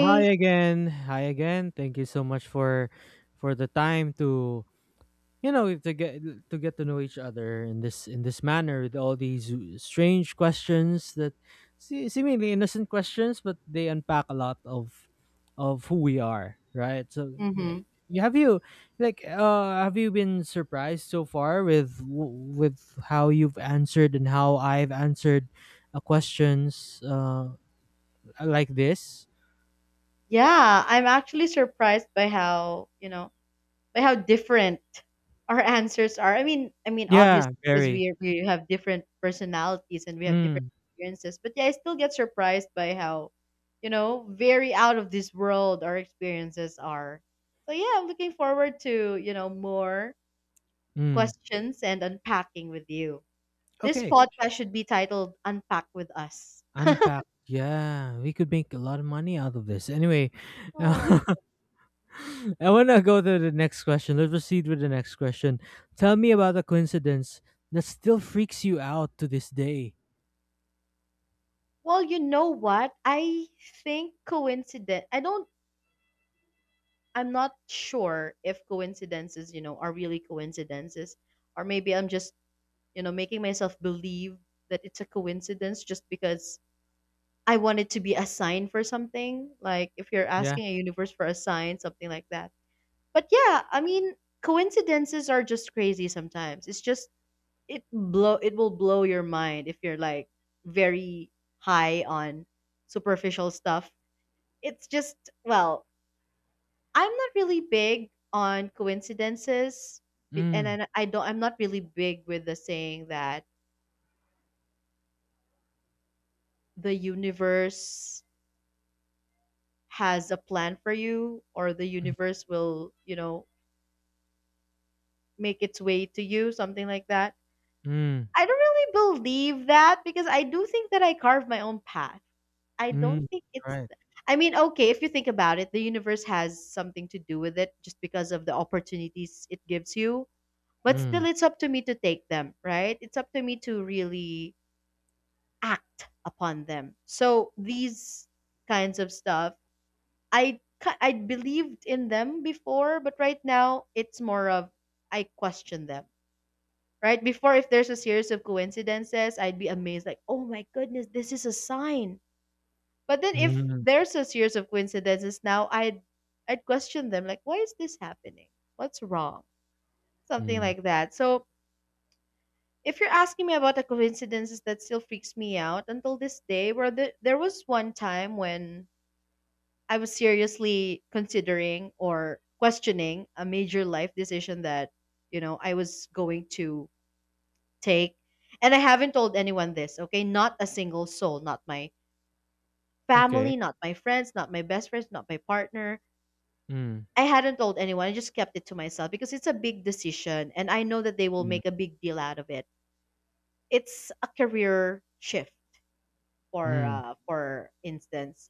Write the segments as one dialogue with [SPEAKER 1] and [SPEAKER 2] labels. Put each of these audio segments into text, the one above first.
[SPEAKER 1] Hi again. Thank you so much for the time to to get to know each other in this manner with all these strange questions that seemingly innocent questions, but they unpack a lot of who we are, right? So
[SPEAKER 2] Mm-hmm.
[SPEAKER 1] yeah. Have you have you been surprised so far with with how you've answered and how I've answered questions like this?
[SPEAKER 2] Yeah, I'm actually surprised by by how different our answers are. I mean
[SPEAKER 1] Yeah,
[SPEAKER 2] obviously because
[SPEAKER 1] very.
[SPEAKER 2] we have different personalities and we have different
[SPEAKER 1] Mm,
[SPEAKER 2] experiences, but yeah, I still get surprised by how, very out of this world our experiences are. So yeah, I'm looking forward to, more
[SPEAKER 1] mm.
[SPEAKER 2] questions and unpacking with you. This
[SPEAKER 1] Okay,
[SPEAKER 2] podcast should be titled Unpack with Us.
[SPEAKER 1] unpack. Yeah, we could make a lot of money out of this. Anyway,
[SPEAKER 2] Oh,
[SPEAKER 1] I want to go to the next question. Let's proceed with the next question. Tell me about a coincidence that still freaks you out to this day.
[SPEAKER 2] well, you know what? I think coincidence. I don't. I'm not sure if coincidences, are really coincidences, or maybe I'm just, making myself believe that it's a coincidence just because I want it to be a sign for something. Like if you're
[SPEAKER 1] Yeah.
[SPEAKER 2] asking a universe for a sign, something like that. But yeah, I mean, coincidences are just crazy sometimes. It's just it will blow your mind if you're like very high on superficial stuff. It's just, well, I'm not really big on coincidences. And
[SPEAKER 1] Mm,
[SPEAKER 2] I don't. I'm not really big with the saying that the universe has a plan for you, or the
[SPEAKER 1] mm,
[SPEAKER 2] universe will, make its way to you, something like that.
[SPEAKER 1] mm,
[SPEAKER 2] I don't really believe that because I do think that I carve my own path. I don't
[SPEAKER 1] mm.
[SPEAKER 2] think it's.
[SPEAKER 1] Right.
[SPEAKER 2] I mean, okay, if you think about it, the universe has something to do with it just because of the opportunities it gives you. But
[SPEAKER 1] Mm,
[SPEAKER 2] still, it's up to me to take them, right? It's up to me to really act upon them. So these kinds of stuff, I believed in them before, but right now it's more of I question them. Right before, if there's a series of coincidences, I'd be amazed, like, oh my goodness, this is a sign. But then, if
[SPEAKER 1] mm,
[SPEAKER 2] there's a series of coincidences now, I'd question them, like, why is this happening? What's wrong? Something
[SPEAKER 1] mm.
[SPEAKER 2] like that. So if you're asking me about the coincidences that still freaks me out until this day, there was one time when I was seriously considering or questioning a major life decision that, I was going to take. And I haven't told anyone this, okay? Not a single soul, not my
[SPEAKER 1] Okay.
[SPEAKER 2] family, not my friends, not my best friends, not my partner.
[SPEAKER 1] Mm,
[SPEAKER 2] I hadn't told anyone. I just kept it to myself because it's a big decision, and I know that they will
[SPEAKER 1] mm,
[SPEAKER 2] make a big deal out of it. It's a career shift
[SPEAKER 1] mm,
[SPEAKER 2] for instance.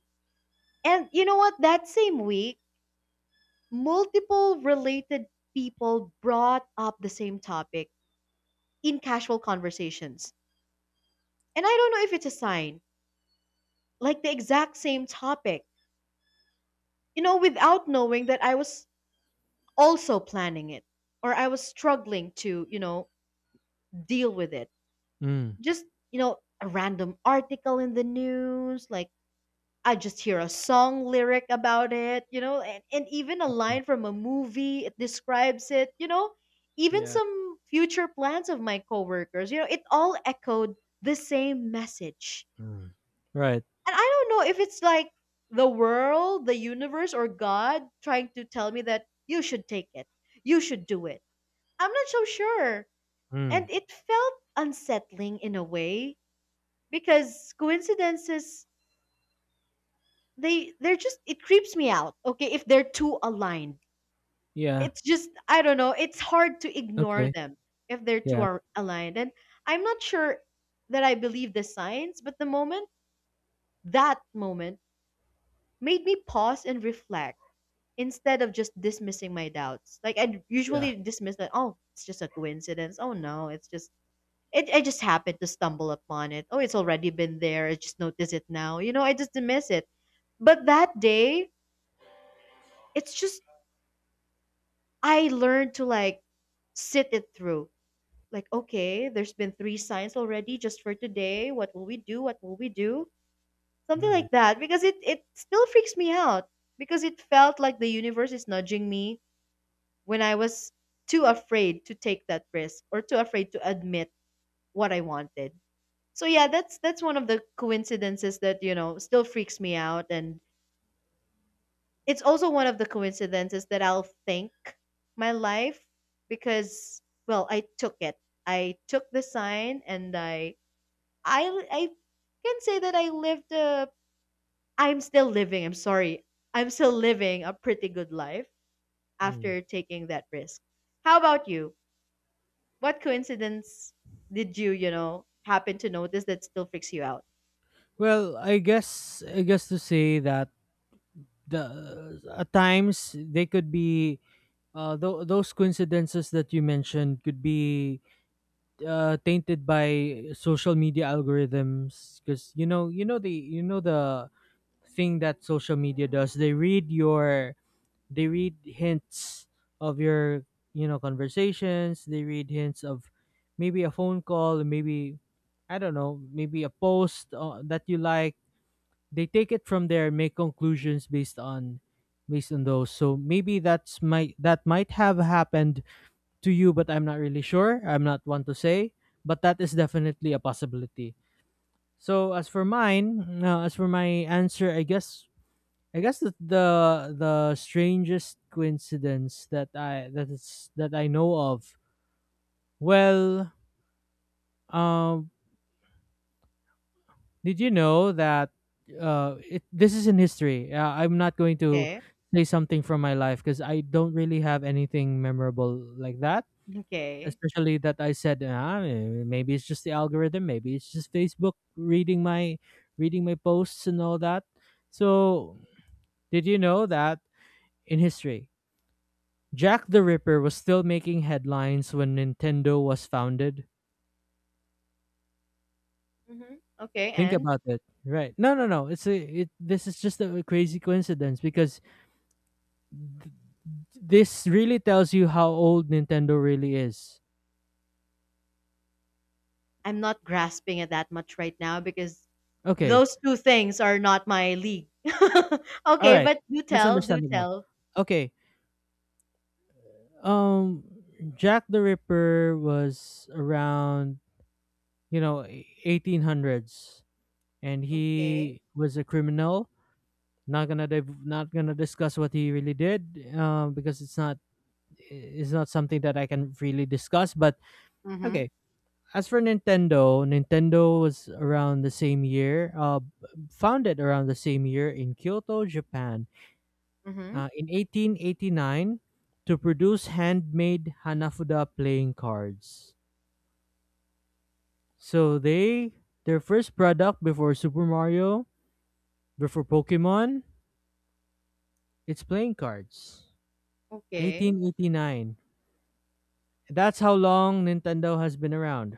[SPEAKER 2] And you know what? That same week, multiple related people brought up the same topic in casual conversations. And I don't know if it's a sign, like the exact same topic, without knowing that I was also planning it or I was struggling to, deal with it.
[SPEAKER 1] mm.
[SPEAKER 2] Just, a random article in the news, like I just hear a song lyric about it, and even a
[SPEAKER 1] Mm.
[SPEAKER 2] line from a movie, it describes it, even
[SPEAKER 1] Yeah.
[SPEAKER 2] some future plans of my coworkers, it all echoed the same message.
[SPEAKER 1] Mm. Right.
[SPEAKER 2] And I don't know if it's like the world, the universe, or God trying to tell me that you should take it, you should do it. I'm not so sure.
[SPEAKER 1] Mm.
[SPEAKER 2] And it felt unsettling in a way, because coincidences, they're just, it creeps me out. Okay, if they're too aligned,
[SPEAKER 1] Yeah.
[SPEAKER 2] it's just, I don't know, it's hard to ignore
[SPEAKER 1] Okay.
[SPEAKER 2] them if they're too
[SPEAKER 1] Yeah.
[SPEAKER 2] aligned. And I'm not sure that I believe the science, but the moment that moment made me pause and reflect instead of just dismissing my doubts, like I
[SPEAKER 1] Yeah.
[SPEAKER 2] usually dismiss that. Oh, it's just a coincidence. Oh no, it's just it. I just happened to stumble upon it. Oh, it's already been there, I just notice it now, I just dismiss it. But that day, it's just, I learned to, like, sit it through. Like, okay, there's been three signs already just for today. What will we do? What will we do? Something
[SPEAKER 1] Mm,
[SPEAKER 2] like that. Because it still freaks me out. Because it felt like the universe is nudging me when I was too afraid to take that risk, or too afraid to admit what I wanted. So yeah, that's one of the coincidences that, still freaks me out, and it's also one of the coincidences that I'll thank my life, because, well, I took it. I took the sign, and I I can say that I lived a. I'm still living, I'm sorry. I'm still living a pretty good life
[SPEAKER 1] mm.
[SPEAKER 2] after taking that risk. How about you? What coincidence did you, happen to notice that still freaks you out?
[SPEAKER 1] Well, I guess to say that the at times they could be those coincidences that you mentioned could be tainted by social media algorithms because you know the thing that social media does. They read your, they read hints of your, you know, conversations. They read hints of maybe a phone call, maybe, I don't know, maybe a post that you like. They take it from there and make conclusions based on, based on those. So maybe that's my, that might have happened to you, but I'm not really sure. I'm not one to say, but that is definitely a possibility. So as for mine, as for my answer, I guess that the strangest coincidence that I that is that I know of, well, um did you know that this is in history? I'm not going to
[SPEAKER 2] Okay.
[SPEAKER 1] say something from my life because I don't really have anything memorable like that.
[SPEAKER 2] Okay.
[SPEAKER 1] Especially that I said, ah, eh, maybe it's just the algorithm, maybe it's just Facebook reading my posts and all that. So, did you know that in history, Jack the Ripper was still making headlines when Nintendo was founded?
[SPEAKER 2] Hmm. Okay,
[SPEAKER 1] Think
[SPEAKER 2] and
[SPEAKER 1] about it. Right. No, no, no. This is just a crazy coincidence because this really tells you how old Nintendo really is.
[SPEAKER 2] I'm not grasping at that much right now, because
[SPEAKER 1] Okay.
[SPEAKER 2] those two things are not my league.
[SPEAKER 1] All
[SPEAKER 2] Okay,
[SPEAKER 1] right.
[SPEAKER 2] but do
[SPEAKER 1] That's
[SPEAKER 2] tell, do
[SPEAKER 1] understandable.
[SPEAKER 2] tell.
[SPEAKER 1] Okay. Um Jack the Ripper was around, you know, 1800s, and
[SPEAKER 2] Okay.
[SPEAKER 1] he was a criminal. Not going to not going to discuss what he really did, because it's not, it's not something that I can really discuss, but
[SPEAKER 2] Mm-hmm.
[SPEAKER 1] okay. As for Nintendo, Nintendo was around the same year, founded around the same year in Kyoto, Japan,
[SPEAKER 2] Mm-hmm.
[SPEAKER 1] in 1889, to produce handmade Hanafuda playing cards. So they, their first product before Super Mario, before Pokemon, it's playing cards.
[SPEAKER 2] Okay.
[SPEAKER 1] 1889. That's how long Nintendo has been around.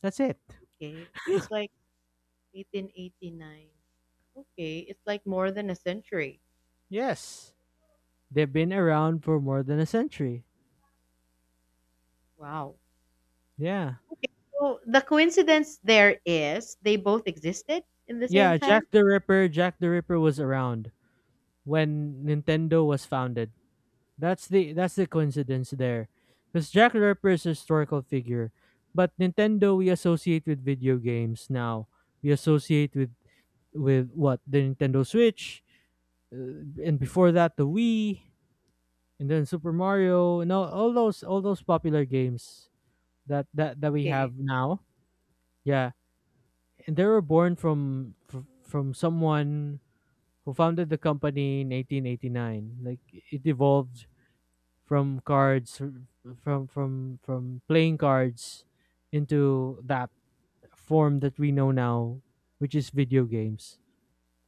[SPEAKER 1] That's it.
[SPEAKER 2] Okay. So it's like 1889. Okay. It's like more than a century.
[SPEAKER 1] Yes. They've been around for more than a century.
[SPEAKER 2] Wow.
[SPEAKER 1] Yeah.
[SPEAKER 2] Okay. So the coincidence there is they both existed in the same
[SPEAKER 1] Yeah,
[SPEAKER 2] time.
[SPEAKER 1] Jack the Ripper was around when Nintendo was founded. That's the coincidence there. Because Jack the Ripper is a historical figure. But Nintendo, we associate with video games now. We associate with what? The Nintendo Switch, uh, and before that the Wii, and then Super Mario, and all those all those popular games that, that we
[SPEAKER 2] Okay.
[SPEAKER 1] have now. Yeah. And they were born from from someone who founded the company in 1889? Like, it evolved from cards, from playing cards, into that form that we know now, which is video games.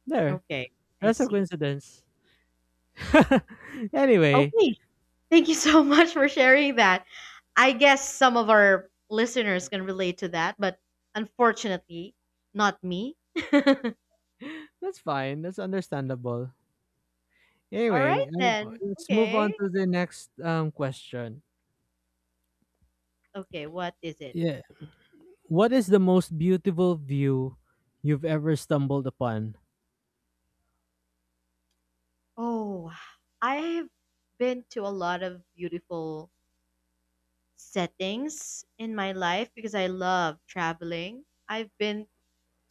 [SPEAKER 1] There,
[SPEAKER 2] Okay. I
[SPEAKER 1] that's a
[SPEAKER 2] see.
[SPEAKER 1] coincidence. Anyway,
[SPEAKER 2] Okay. Thank you so much for sharing that. I guess some of our listeners can relate to that, but unfortunately, not me.
[SPEAKER 1] that's fine. That's understandable.
[SPEAKER 2] All right
[SPEAKER 1] Anyway,
[SPEAKER 2] then.
[SPEAKER 1] let's move on
[SPEAKER 2] Okay.
[SPEAKER 1] to the next question.
[SPEAKER 2] Okay, what is it?
[SPEAKER 1] Yeah, what is the most beautiful view you've ever stumbled upon?
[SPEAKER 2] Oh, I've been to a lot of beautiful settings in my life, because I love traveling. I've been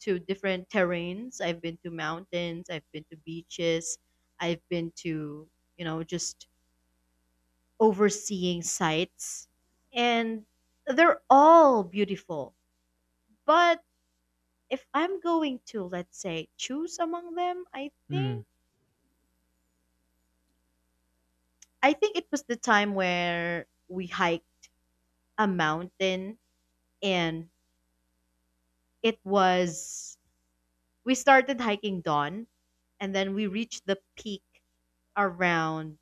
[SPEAKER 2] to different terrains. I've been to mountains, I've been to beaches, I've been to, just overseeing sites. And they're all beautiful. But if I'm going to, let's say, choose among them, I
[SPEAKER 1] Mm.
[SPEAKER 2] think it was the time where we hiked a mountain. And it was we started hiking dawn, and then we reached the peak around,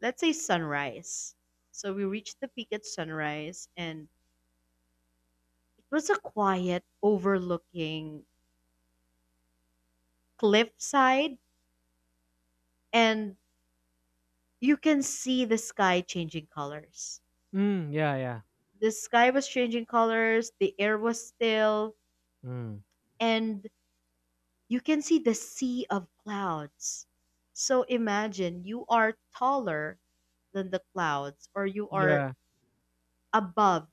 [SPEAKER 2] let's say, sunrise. So we reached the peak at sunrise, and it was a quiet overlooking cliffside, and you can see the sky changing colors.
[SPEAKER 1] Mm, yeah, yeah.
[SPEAKER 2] The sky was changing colors, the air was still,
[SPEAKER 1] Mm.
[SPEAKER 2] and you can see the sea of clouds. So imagine you are taller than the clouds, or you are
[SPEAKER 1] Yeah.
[SPEAKER 2] above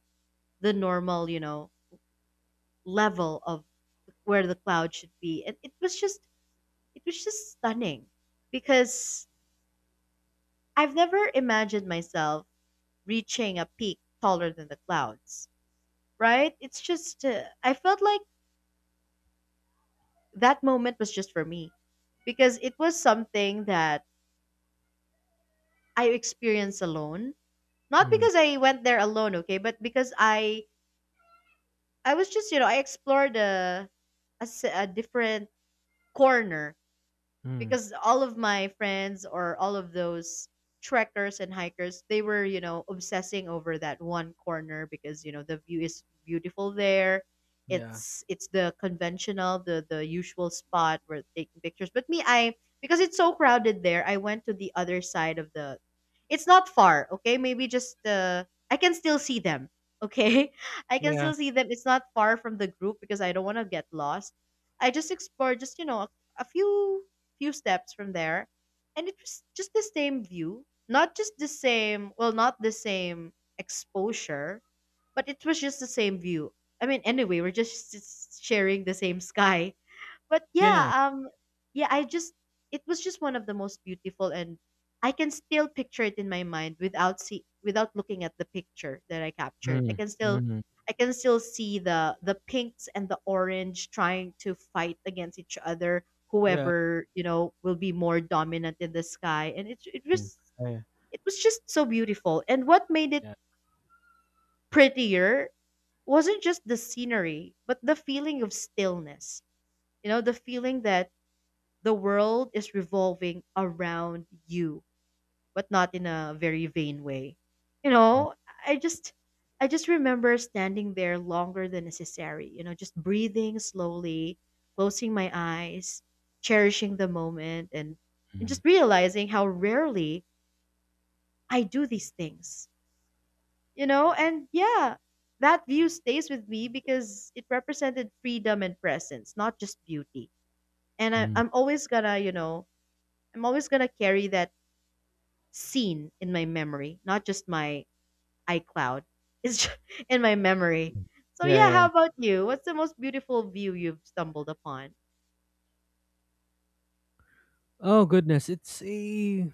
[SPEAKER 2] the normal, level of where the cloud should be. And it was just stunning, because I've never imagined myself reaching a peak taller than the clouds, right? It's just, I felt like that moment was just for me, because it was something that I experienced alone. Not
[SPEAKER 1] Mm,
[SPEAKER 2] because I went there alone, okay, but because I was just, I explored a different corner,
[SPEAKER 1] mm,
[SPEAKER 2] because all of my friends or all of those trekkers and hikers, they were, obsessing over that one corner because, the view is beautiful there.
[SPEAKER 1] yeah.
[SPEAKER 2] It's the conventional, the usual spot where taking pictures, but me, I. Because it's so crowded there, I went to the other side of the. It's not far, okay, maybe just, I can still see them. Okay, I can
[SPEAKER 1] Yeah,
[SPEAKER 2] still see them. It's not far from the group, because I don't want to get lost. I just explored just, a few steps from there, and it was just the same view, not just the same, well, not the same exposure, but it was just the same view. I mean, anyway, we're just sharing the same sky, but yeah,
[SPEAKER 1] yeah.
[SPEAKER 2] um, yeah, I just, it was just one of the most beautiful, and I can still picture it in my mind without see without looking at the picture that I captured. I
[SPEAKER 1] Mm,
[SPEAKER 2] can still
[SPEAKER 1] mhm.
[SPEAKER 2] I can still see the pinks and the orange trying to fight against each other.
[SPEAKER 1] Yeah.
[SPEAKER 2] Whoever, will be more dominant in the sky, and it it
[SPEAKER 1] Mm.
[SPEAKER 2] was
[SPEAKER 1] Yeah,
[SPEAKER 2] it was just so beautiful. And what made it
[SPEAKER 1] yeah.
[SPEAKER 2] prettier wasn't just the scenery, but the feeling of stillness. You know, the feeling that the world is revolving around you, but not in a very vain way. You
[SPEAKER 1] Mm,
[SPEAKER 2] know, I just I just remember standing there longer than necessary, just breathing slowly, closing my eyes, cherishing the moment, and
[SPEAKER 1] mm,
[SPEAKER 2] just realizing how rarely I do these things. You know, and yeah, that view stays with me because it represented freedom and presence, not just beauty. And I,
[SPEAKER 1] mm.
[SPEAKER 2] I'm always gonna, you know, I'm always gonna carry that scene in my memory, not just my iCloud. It's just in my memory. So yeah,
[SPEAKER 1] Yeah, yeah.
[SPEAKER 2] how about you? What's the most beautiful view you've stumbled upon?
[SPEAKER 1] Oh goodness, it's a,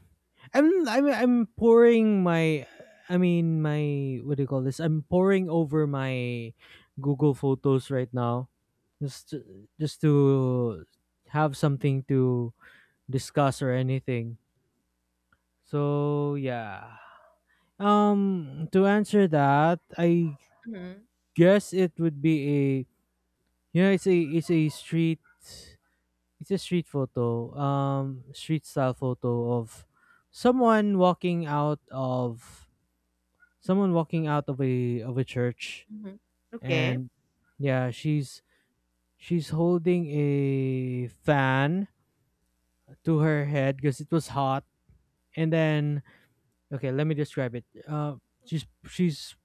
[SPEAKER 1] I'm pouring my, I mean my, what do you call this? I'm pouring over my Google Photos right now just to have something to discuss or anything. So, yeah. To answer that, I
[SPEAKER 2] Hmm.
[SPEAKER 1] guess it would be a, you know, it's a, it's a street photo, street style photo of someone walking out of, someone walking out of a, of a church,
[SPEAKER 2] Hmm. Okay,
[SPEAKER 1] and yeah, she's holding a fan to her head because it was hot. And then, okay, let me describe it. She's,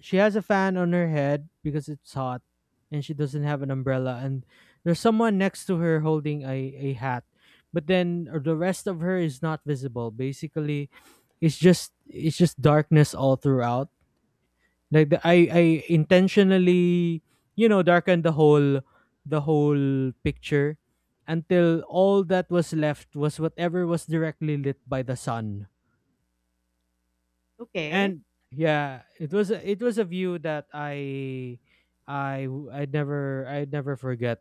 [SPEAKER 1] she has a fan on her head because it's hot, and she doesn't have an umbrella, and there's someone next to her holding a hat. But then, the rest of her is not visible basically. It's just, it's just darkness all throughout. Like the, i i intentionally, you know, darkened the whole picture until all that was left was whatever was directly lit by the sun.
[SPEAKER 2] okay,
[SPEAKER 1] And yeah, it was a view that I'd never forget.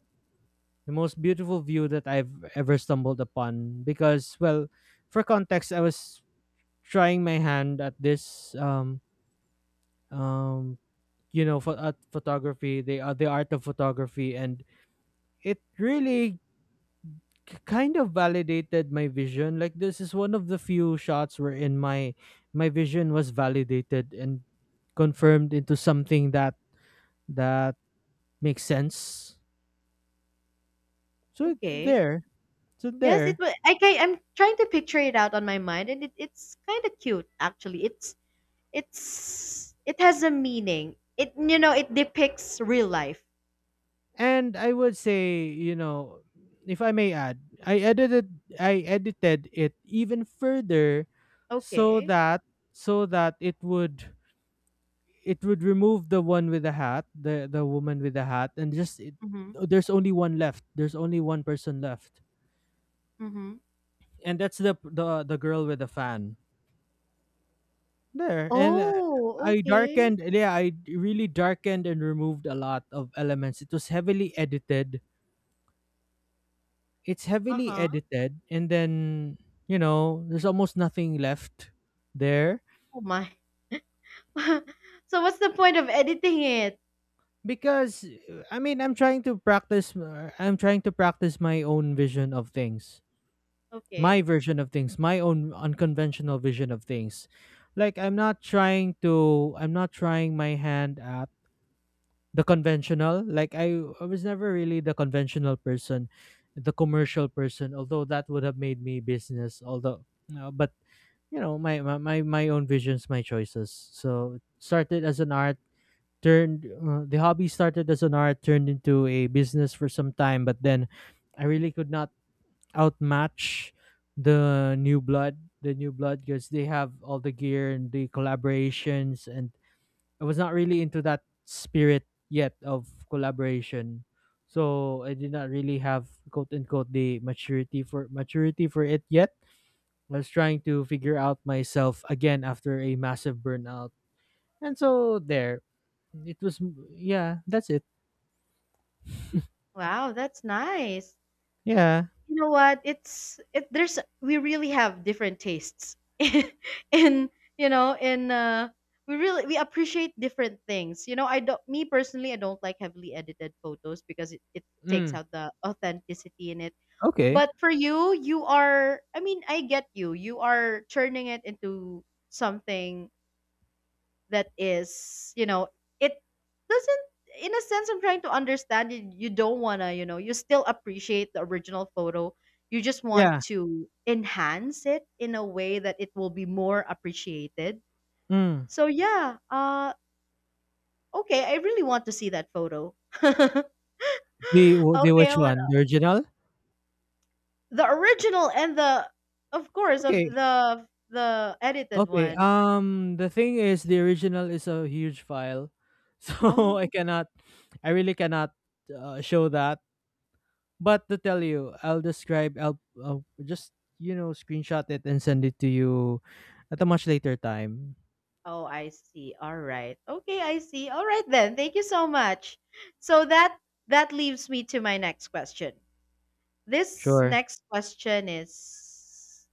[SPEAKER 1] The most beautiful view that I've ever stumbled upon, because well, for context, I was trying my hand at this, um you know, for at photography, the art of photography. And it really kind of validated my vision. Like, this is one of the few shots wherein my, my vision was validated and confirmed into something that, that makes sense. So it's
[SPEAKER 2] okay.
[SPEAKER 1] there. So
[SPEAKER 2] Yes, it
[SPEAKER 1] there.
[SPEAKER 2] was. Okay, I'm trying to picture it out on my mind, and it's kind of cute actually. It has a meaning. It you know it depicts real life.
[SPEAKER 1] And I would say, you know, if I may add, I edited, I edited it even further, so
[SPEAKER 2] Okay.
[SPEAKER 1] that, so that it would, it would remove the one with the hat, the woman with the hat, and just it,
[SPEAKER 2] Mm-hmm.
[SPEAKER 1] there's only one left. There's only one person left.
[SPEAKER 2] Mm-hmm.
[SPEAKER 1] And that's the, the girl with the fan. There. And
[SPEAKER 2] Oh,
[SPEAKER 1] I
[SPEAKER 2] okay.
[SPEAKER 1] darkened, yeah, I really darkened and removed a lot of elements. It was heavily edited. It's heavily
[SPEAKER 2] Uh-huh.
[SPEAKER 1] edited. And then, you know, there's almost nothing left there.
[SPEAKER 2] Oh my. So what's the point of editing it?
[SPEAKER 1] Because I mean, I'm trying to practice, I'm trying to practice my own vision of things. My
[SPEAKER 2] Okay.
[SPEAKER 1] version of things, my own unconventional vision of things. Like, I'm not trying to, I'm not trying my hand at the conventional. Like, I was never really the conventional person, the commercial person, although that would have made me business, although no. But you know, my, my own visions, my choices. So it started as an art turned, the hobby started as an art turned into a business for some time. But then I really could not outmatch the new blood, because they have all the gear and the collaborations. And I was not really into that spirit yet of collaboration. So I did not really have, quote unquote, the maturity for, maturity for it yet. I was trying to figure out myself again after a massive burnout. And so there. It was, yeah, that's it.
[SPEAKER 2] Wow, that's nice.
[SPEAKER 1] Yeah.
[SPEAKER 2] You know what? It's it there's we really have different tastes. in in we really we appreciate different things. You know, I don't me personally I don't like heavily edited photos because it takes
[SPEAKER 1] Mm.
[SPEAKER 2] out the authenticity in it. But
[SPEAKER 1] Okay.
[SPEAKER 2] for you, I get you. You are turning it into something that is, you know, it doesn't in a sense I'm trying to understand you. You don't want to, you still appreciate the original photo. You just want
[SPEAKER 1] Yeah.
[SPEAKER 2] to enhance it in a way that it will be more appreciated.
[SPEAKER 1] Mm.
[SPEAKER 2] So yeah, okay, I really want to see that photo. Okay,
[SPEAKER 1] The,
[SPEAKER 2] I
[SPEAKER 1] the which
[SPEAKER 2] want
[SPEAKER 1] one? The original?
[SPEAKER 2] the original and the of course of
[SPEAKER 1] Okay.
[SPEAKER 2] the the edited
[SPEAKER 1] Okay,
[SPEAKER 2] one.
[SPEAKER 1] the thing is, the original is a huge file. So I
[SPEAKER 2] Oh,
[SPEAKER 1] cannot, I really cannot, show that. But to tell you, I will just, you know, screenshot it and send it to you at a much later time.
[SPEAKER 2] Oh, I see. All right. Okay, I see. All right then. Thank you so much. So that that leaves me to my next question. This
[SPEAKER 1] Sure.
[SPEAKER 2] next question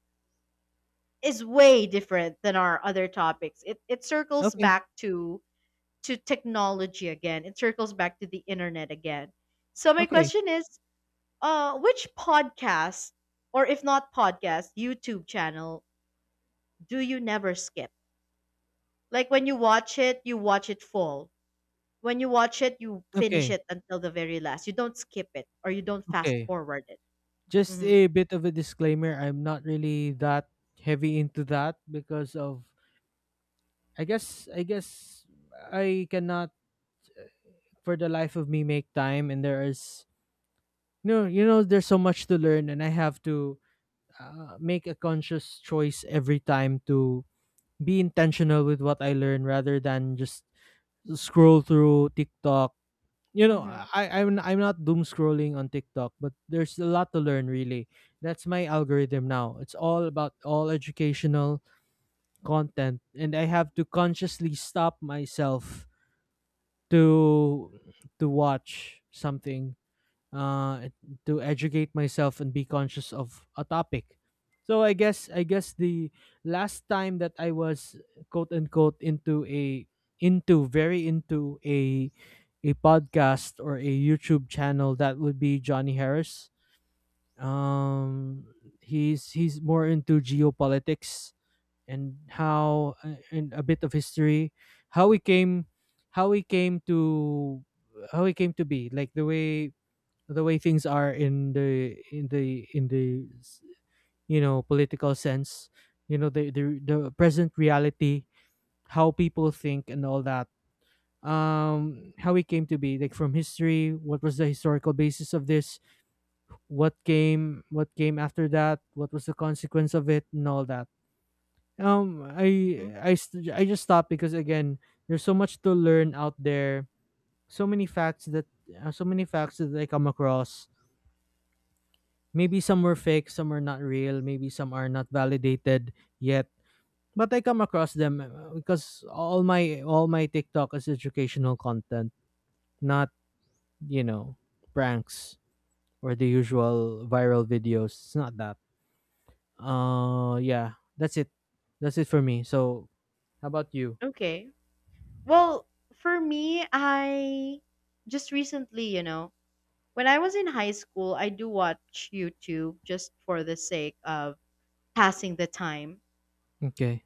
[SPEAKER 2] is way different than our other topics. It circles
[SPEAKER 1] Okay.
[SPEAKER 2] back to technology again. It circles back to the internet again. So my
[SPEAKER 1] Okay.
[SPEAKER 2] question is, which podcast or if not podcast, YouTube channel do you never skip? Like when you watch it full. When you watch it, you finish
[SPEAKER 1] Okay.
[SPEAKER 2] it until the very last. You don't skip it or you don't fast
[SPEAKER 1] Okay.
[SPEAKER 2] forward it.
[SPEAKER 1] Just
[SPEAKER 2] Mhm.
[SPEAKER 1] a bit of a disclaimer, I'm not really that heavy into that because of, I guess I cannot for the life of me make time. And there is, no, you know, there's so much to learn, and I have to, make a conscious choice every time to be intentional with what I learn, rather than just scroll through TikTok. You know,
[SPEAKER 2] Mhm.
[SPEAKER 1] I'm not doom scrolling on TikTok, but there's a lot to learn really. That's my algorithm now. It's all about, all educational content, and I have to consciously stop myself to to watch something, uh, to educate myself and be conscious of a topic. So I guess the last time that I was, quote unquote, into a, into a podcast or a YouTube channel, that would be Johnny Harris. Um, he's more into geopolitics and how, and a bit of history, how we came, how we came to how we came to be, like the way, the way things are in the, in the you know, political sense. You know, the, the present reality, how people think and all that. How it came to be, like from history, what was the historical basis of this, what came, what came after that, what was the consequence of it and all that.
[SPEAKER 2] Mhm.
[SPEAKER 1] I just stopped because, again, there's so much to learn out there. So many facts that, I come across. Maybe some were fake, some are not real, maybe some are not validated yet. But I come across them because all my TikTok is educational content, not, you know, pranks or the usual viral videos. It's not that. Yeah, that's it. That's it for me. So, how about you?
[SPEAKER 2] Okay. Well, for me, I just recently, you know, when I was in high school, I do watch YouTube just for the sake of passing the time.
[SPEAKER 1] Okay.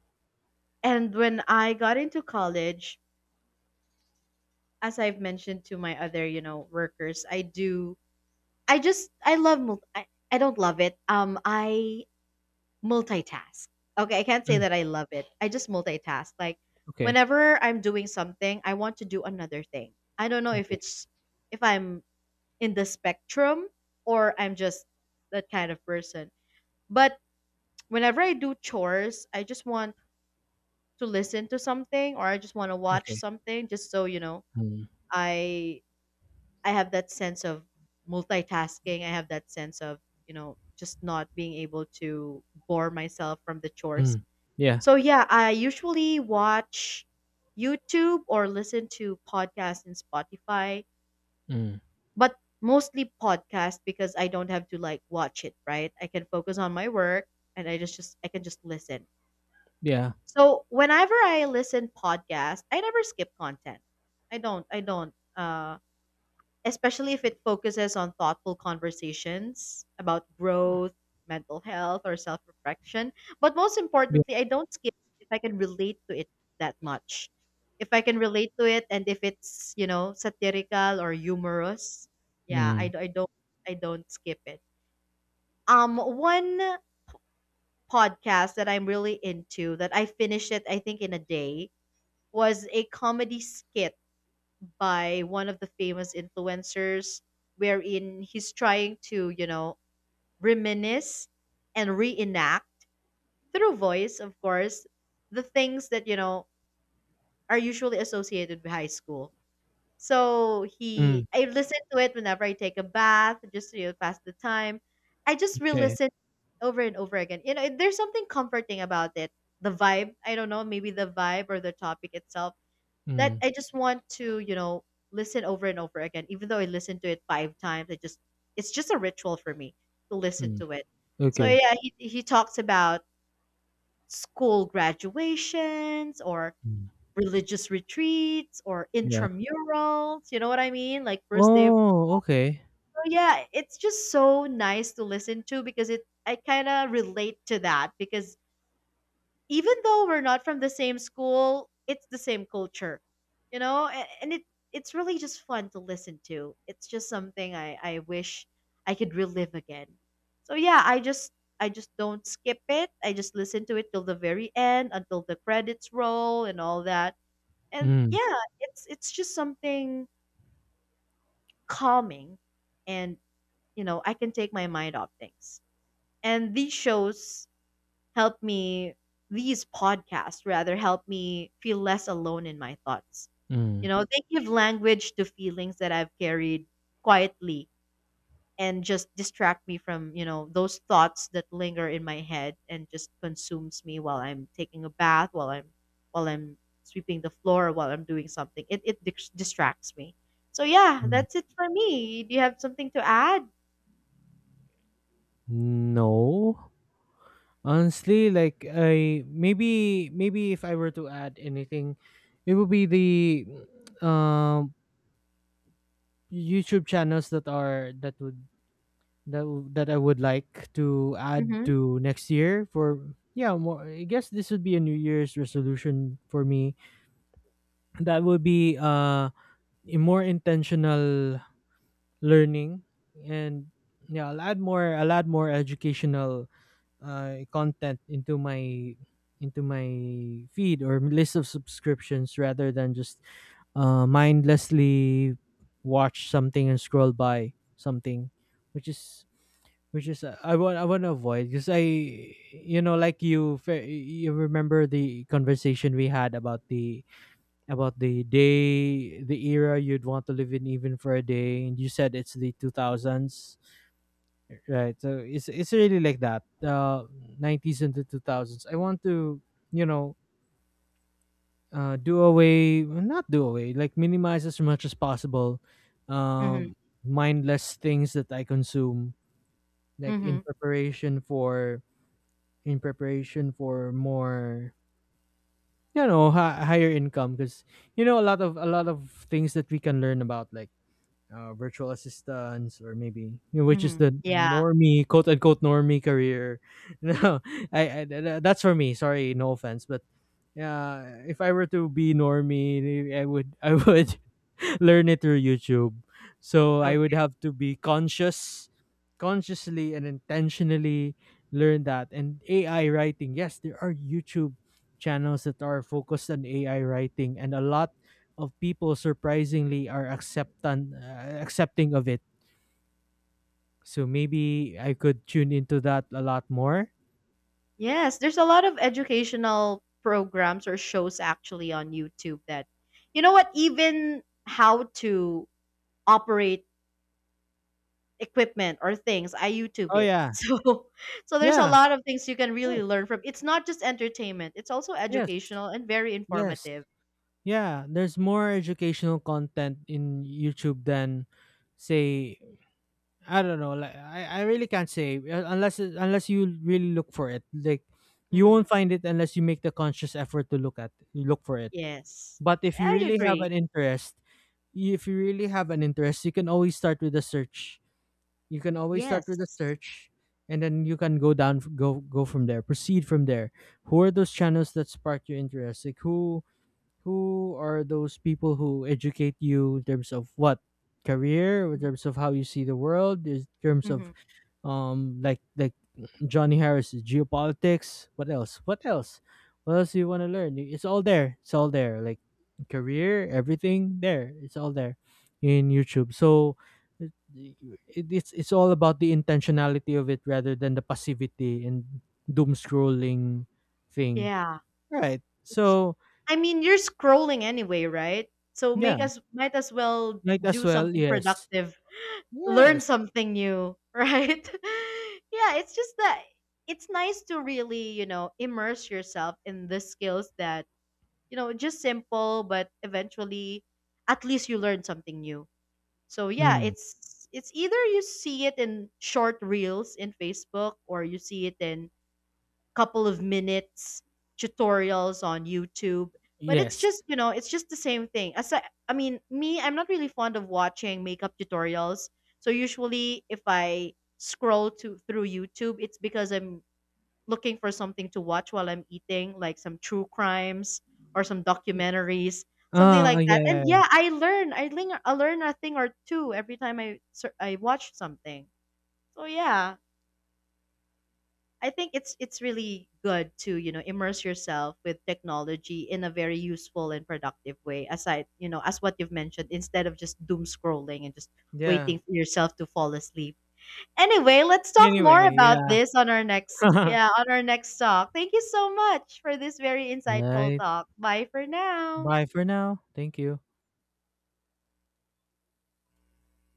[SPEAKER 2] And when I got into college, as I've mentioned to my other, you know, workers, I do I just I love mul- I don't love it. I multitask. Okay, I can't say
[SPEAKER 1] Mm,
[SPEAKER 2] that I love it. I just multitask. Like
[SPEAKER 1] okay.
[SPEAKER 2] whenever I'm doing something, I want to do another thing. I don't know if
[SPEAKER 1] Okay.
[SPEAKER 2] it's if I'm in the spectrum or I'm just that kind of person. But whenever I do chores, I just want to listen to something or I just want to watch
[SPEAKER 1] Okay.
[SPEAKER 2] something just so, you know,
[SPEAKER 1] Mm,
[SPEAKER 2] I I have that sense of multitasking. I have that sense of, you know, just not being able to bore myself from the chores.
[SPEAKER 1] mm, yeah.
[SPEAKER 2] So yeah, I usually watch YouTube or listen to podcasts in Spotify,
[SPEAKER 1] Mm,
[SPEAKER 2] but mostly podcasts because I don't have to like watch it, right? I can focus on my work and I can just listen.
[SPEAKER 1] yeah.
[SPEAKER 2] So whenever I listen podcast, I never skip content. I don't, especially if it focuses on thoughtful conversations about growth, mental health, or self reflection. But most
[SPEAKER 1] Yeah.
[SPEAKER 2] importantly, I don't skip if I can relate to it that much. If I can relate to it and if it's, you know, satirical or humorous, yeah,
[SPEAKER 1] Mm,
[SPEAKER 2] I don't skip it. One podcast that I'm really into that I finished it I think in a day was a comedy skit by one of the famous influencers wherein he's trying to, you know, reminisce and reenact through voice, of course, the things that, you know, are usually associated with high school. So he
[SPEAKER 1] mm,
[SPEAKER 2] I listen to it whenever I take a bath, just to, you know, pass the time. I just
[SPEAKER 1] okay.
[SPEAKER 2] re-listen over and over again. You know, there's something comforting about it. The vibe, I don't know, maybe the vibe or the topic itself that
[SPEAKER 1] Mm,
[SPEAKER 2] I just want to, you know, listen over and over again. Even though I listened to it five times, I just it's just a ritual for me to listen
[SPEAKER 1] mm,
[SPEAKER 2] to it. So
[SPEAKER 1] okay.
[SPEAKER 2] yeah, he talks about school graduations or
[SPEAKER 1] Mm,
[SPEAKER 2] religious retreats or
[SPEAKER 1] yeah.
[SPEAKER 2] intramurals. You know what I mean? Like first day of
[SPEAKER 1] Oh, okay.
[SPEAKER 2] so yeah, it's just so nice to listen to because it I kind of relate to that because even though we're not from the same school, it's the same culture, you know, and it it's really just fun to listen to. It's just something I wish I could relive again. So yeah, I just don't skip it. I just listen to it till the very end until the credits roll and all that. And
[SPEAKER 1] Mm,
[SPEAKER 2] yeah, it's just something calming and you know, I can take my mind off things. And these shows help me these podcasts rather help me feel less alone in my thoughts. You
[SPEAKER 1] mm,
[SPEAKER 2] know, they give language to feelings that I've carried quietly and just distract me from, you know, those thoughts that linger in my head and just consumes me while I'm taking a bath, while I'm sweeping the floor, while I'm doing something. It distracts me. So yeah,
[SPEAKER 1] mm.
[SPEAKER 2] that's it for me. Do you have something to add?
[SPEAKER 1] No. Honestly, like I maybe if I were to add anything, it would be the um YouTube channels that are that would that I would like to add
[SPEAKER 2] Mhm.
[SPEAKER 1] to next year for yeah, more, I guess this would be a New Year's resolution for me. That would be a more intentional learning and yeah, I'll add more educational content into my feed or list of subscriptions rather than just mindlessly watch something and scroll by something which is which is I want to avoid because I you know like you remember the conversation we had about the day, the era you'd want to live in even for a day, and you said it's the 2000s, right? So it's really like that 90s and the 2000s. I want to, you know, do away, well, not do away, like minimize as much as possible
[SPEAKER 2] Mhm.
[SPEAKER 1] um mindless things that I consume, like
[SPEAKER 2] Mhm.
[SPEAKER 1] in preparation for more, you know, higher income. Because you know a lot of things that we can learn about, like virtual assistants, or maybe, you know, which is
[SPEAKER 2] Mhm.
[SPEAKER 1] the
[SPEAKER 2] Yeah.
[SPEAKER 1] normie, quote unquote, normie career no, that's for me, sorry, no offense, but yeah, if I were to be normie, I would I would learn it through YouTube. So I would
[SPEAKER 2] Okay.
[SPEAKER 1] have to be conscious, consciously and intentionally learn that. And AI writing, yes, there are YouTube channels that are focused on AI writing, and a lot of people surprisingly are acceptant accepting of it. So maybe I could tune into that a lot more.
[SPEAKER 2] Yes, there's a lot of educational programs or shows actually on YouTube that, you know what, even how to operate equipment or things, I YouTube
[SPEAKER 1] Oh
[SPEAKER 2] it.
[SPEAKER 1] yeah,
[SPEAKER 2] So, so there's a
[SPEAKER 1] yeah,
[SPEAKER 2] lot of things you can
[SPEAKER 1] yes,
[SPEAKER 2] really learn from. It's not just entertainment, it's also
[SPEAKER 1] yes,
[SPEAKER 2] educational and very
[SPEAKER 1] yes,
[SPEAKER 2] informative.
[SPEAKER 1] yeah. There's more educational content in YouTube than, say, I don't know. Like I really can't say unless you really look for it. Like you won't
[SPEAKER 2] Hmm.
[SPEAKER 1] find it unless you make the conscious effort to look at look for it.
[SPEAKER 2] Yes,
[SPEAKER 1] But if you
[SPEAKER 2] I
[SPEAKER 1] really have
[SPEAKER 2] agree.
[SPEAKER 1] an interest, if you really have an interest, you can always start with a search. You can always start with a
[SPEAKER 2] Yes.
[SPEAKER 1] search, and then you can go down, go from there, proceed from there. Who are those channels that spark your interest? Like who are those people who educate you in terms of what career, in terms of how you see the world, in terms of
[SPEAKER 2] Hmm.
[SPEAKER 1] like Johnny Harris, geopolitics. What else, what else, what else do you want to learn? It's all there, it's all there, like career, everything there, it's all there in YouTube. So it, it's all about the intentionality of it rather than the passivity and doom scrolling thing,
[SPEAKER 2] Yeah.
[SPEAKER 1] right?
[SPEAKER 2] It's ju-
[SPEAKER 1] So
[SPEAKER 2] I mean, you're scrolling anyway, right? So
[SPEAKER 1] yeah,
[SPEAKER 2] make us might as well
[SPEAKER 1] night as
[SPEAKER 2] do
[SPEAKER 1] well,
[SPEAKER 2] something
[SPEAKER 1] yes,
[SPEAKER 2] productive. Learn
[SPEAKER 1] yes,
[SPEAKER 2] something new, right? Yeah, it's just that it's nice to really, you know, immerse yourself in the skills that, you know, just simple, but eventually at least you learn something new. So yeah,
[SPEAKER 1] mm,
[SPEAKER 2] it's either you see it in short reels in Facebook or you see it in couple of minutes tutorials on YouTube. But it's
[SPEAKER 1] yes,
[SPEAKER 2] just, you know, it's just the same thing. I mean, me, I'm not really fond of watching makeup tutorials. So usually if I scroll to through YouTube, it's because I'm looking for something to watch while I'm eating, like some true crimes or some documentaries, something
[SPEAKER 1] ah
[SPEAKER 2] like that.
[SPEAKER 1] yeah
[SPEAKER 2] And
[SPEAKER 1] yeah
[SPEAKER 2] yeah, I learn a thing or two every time I watch something. So yeah. I think it's really good to you know immerse yourself with technology in a very useful and productive way. Aside, you know, as what you've mentioned, instead of just doom scrolling and just
[SPEAKER 1] yeah.
[SPEAKER 2] waiting for yourself to fall asleep. Anyway, let's
[SPEAKER 1] Yeah,
[SPEAKER 2] talk
[SPEAKER 1] anyway,
[SPEAKER 2] more about this
[SPEAKER 1] yeah.
[SPEAKER 2] on our next yeah on our next talk. Thank you so much for this very insightful
[SPEAKER 1] Right.
[SPEAKER 2] talk. Bye for now.
[SPEAKER 1] Bye for now. Thank you.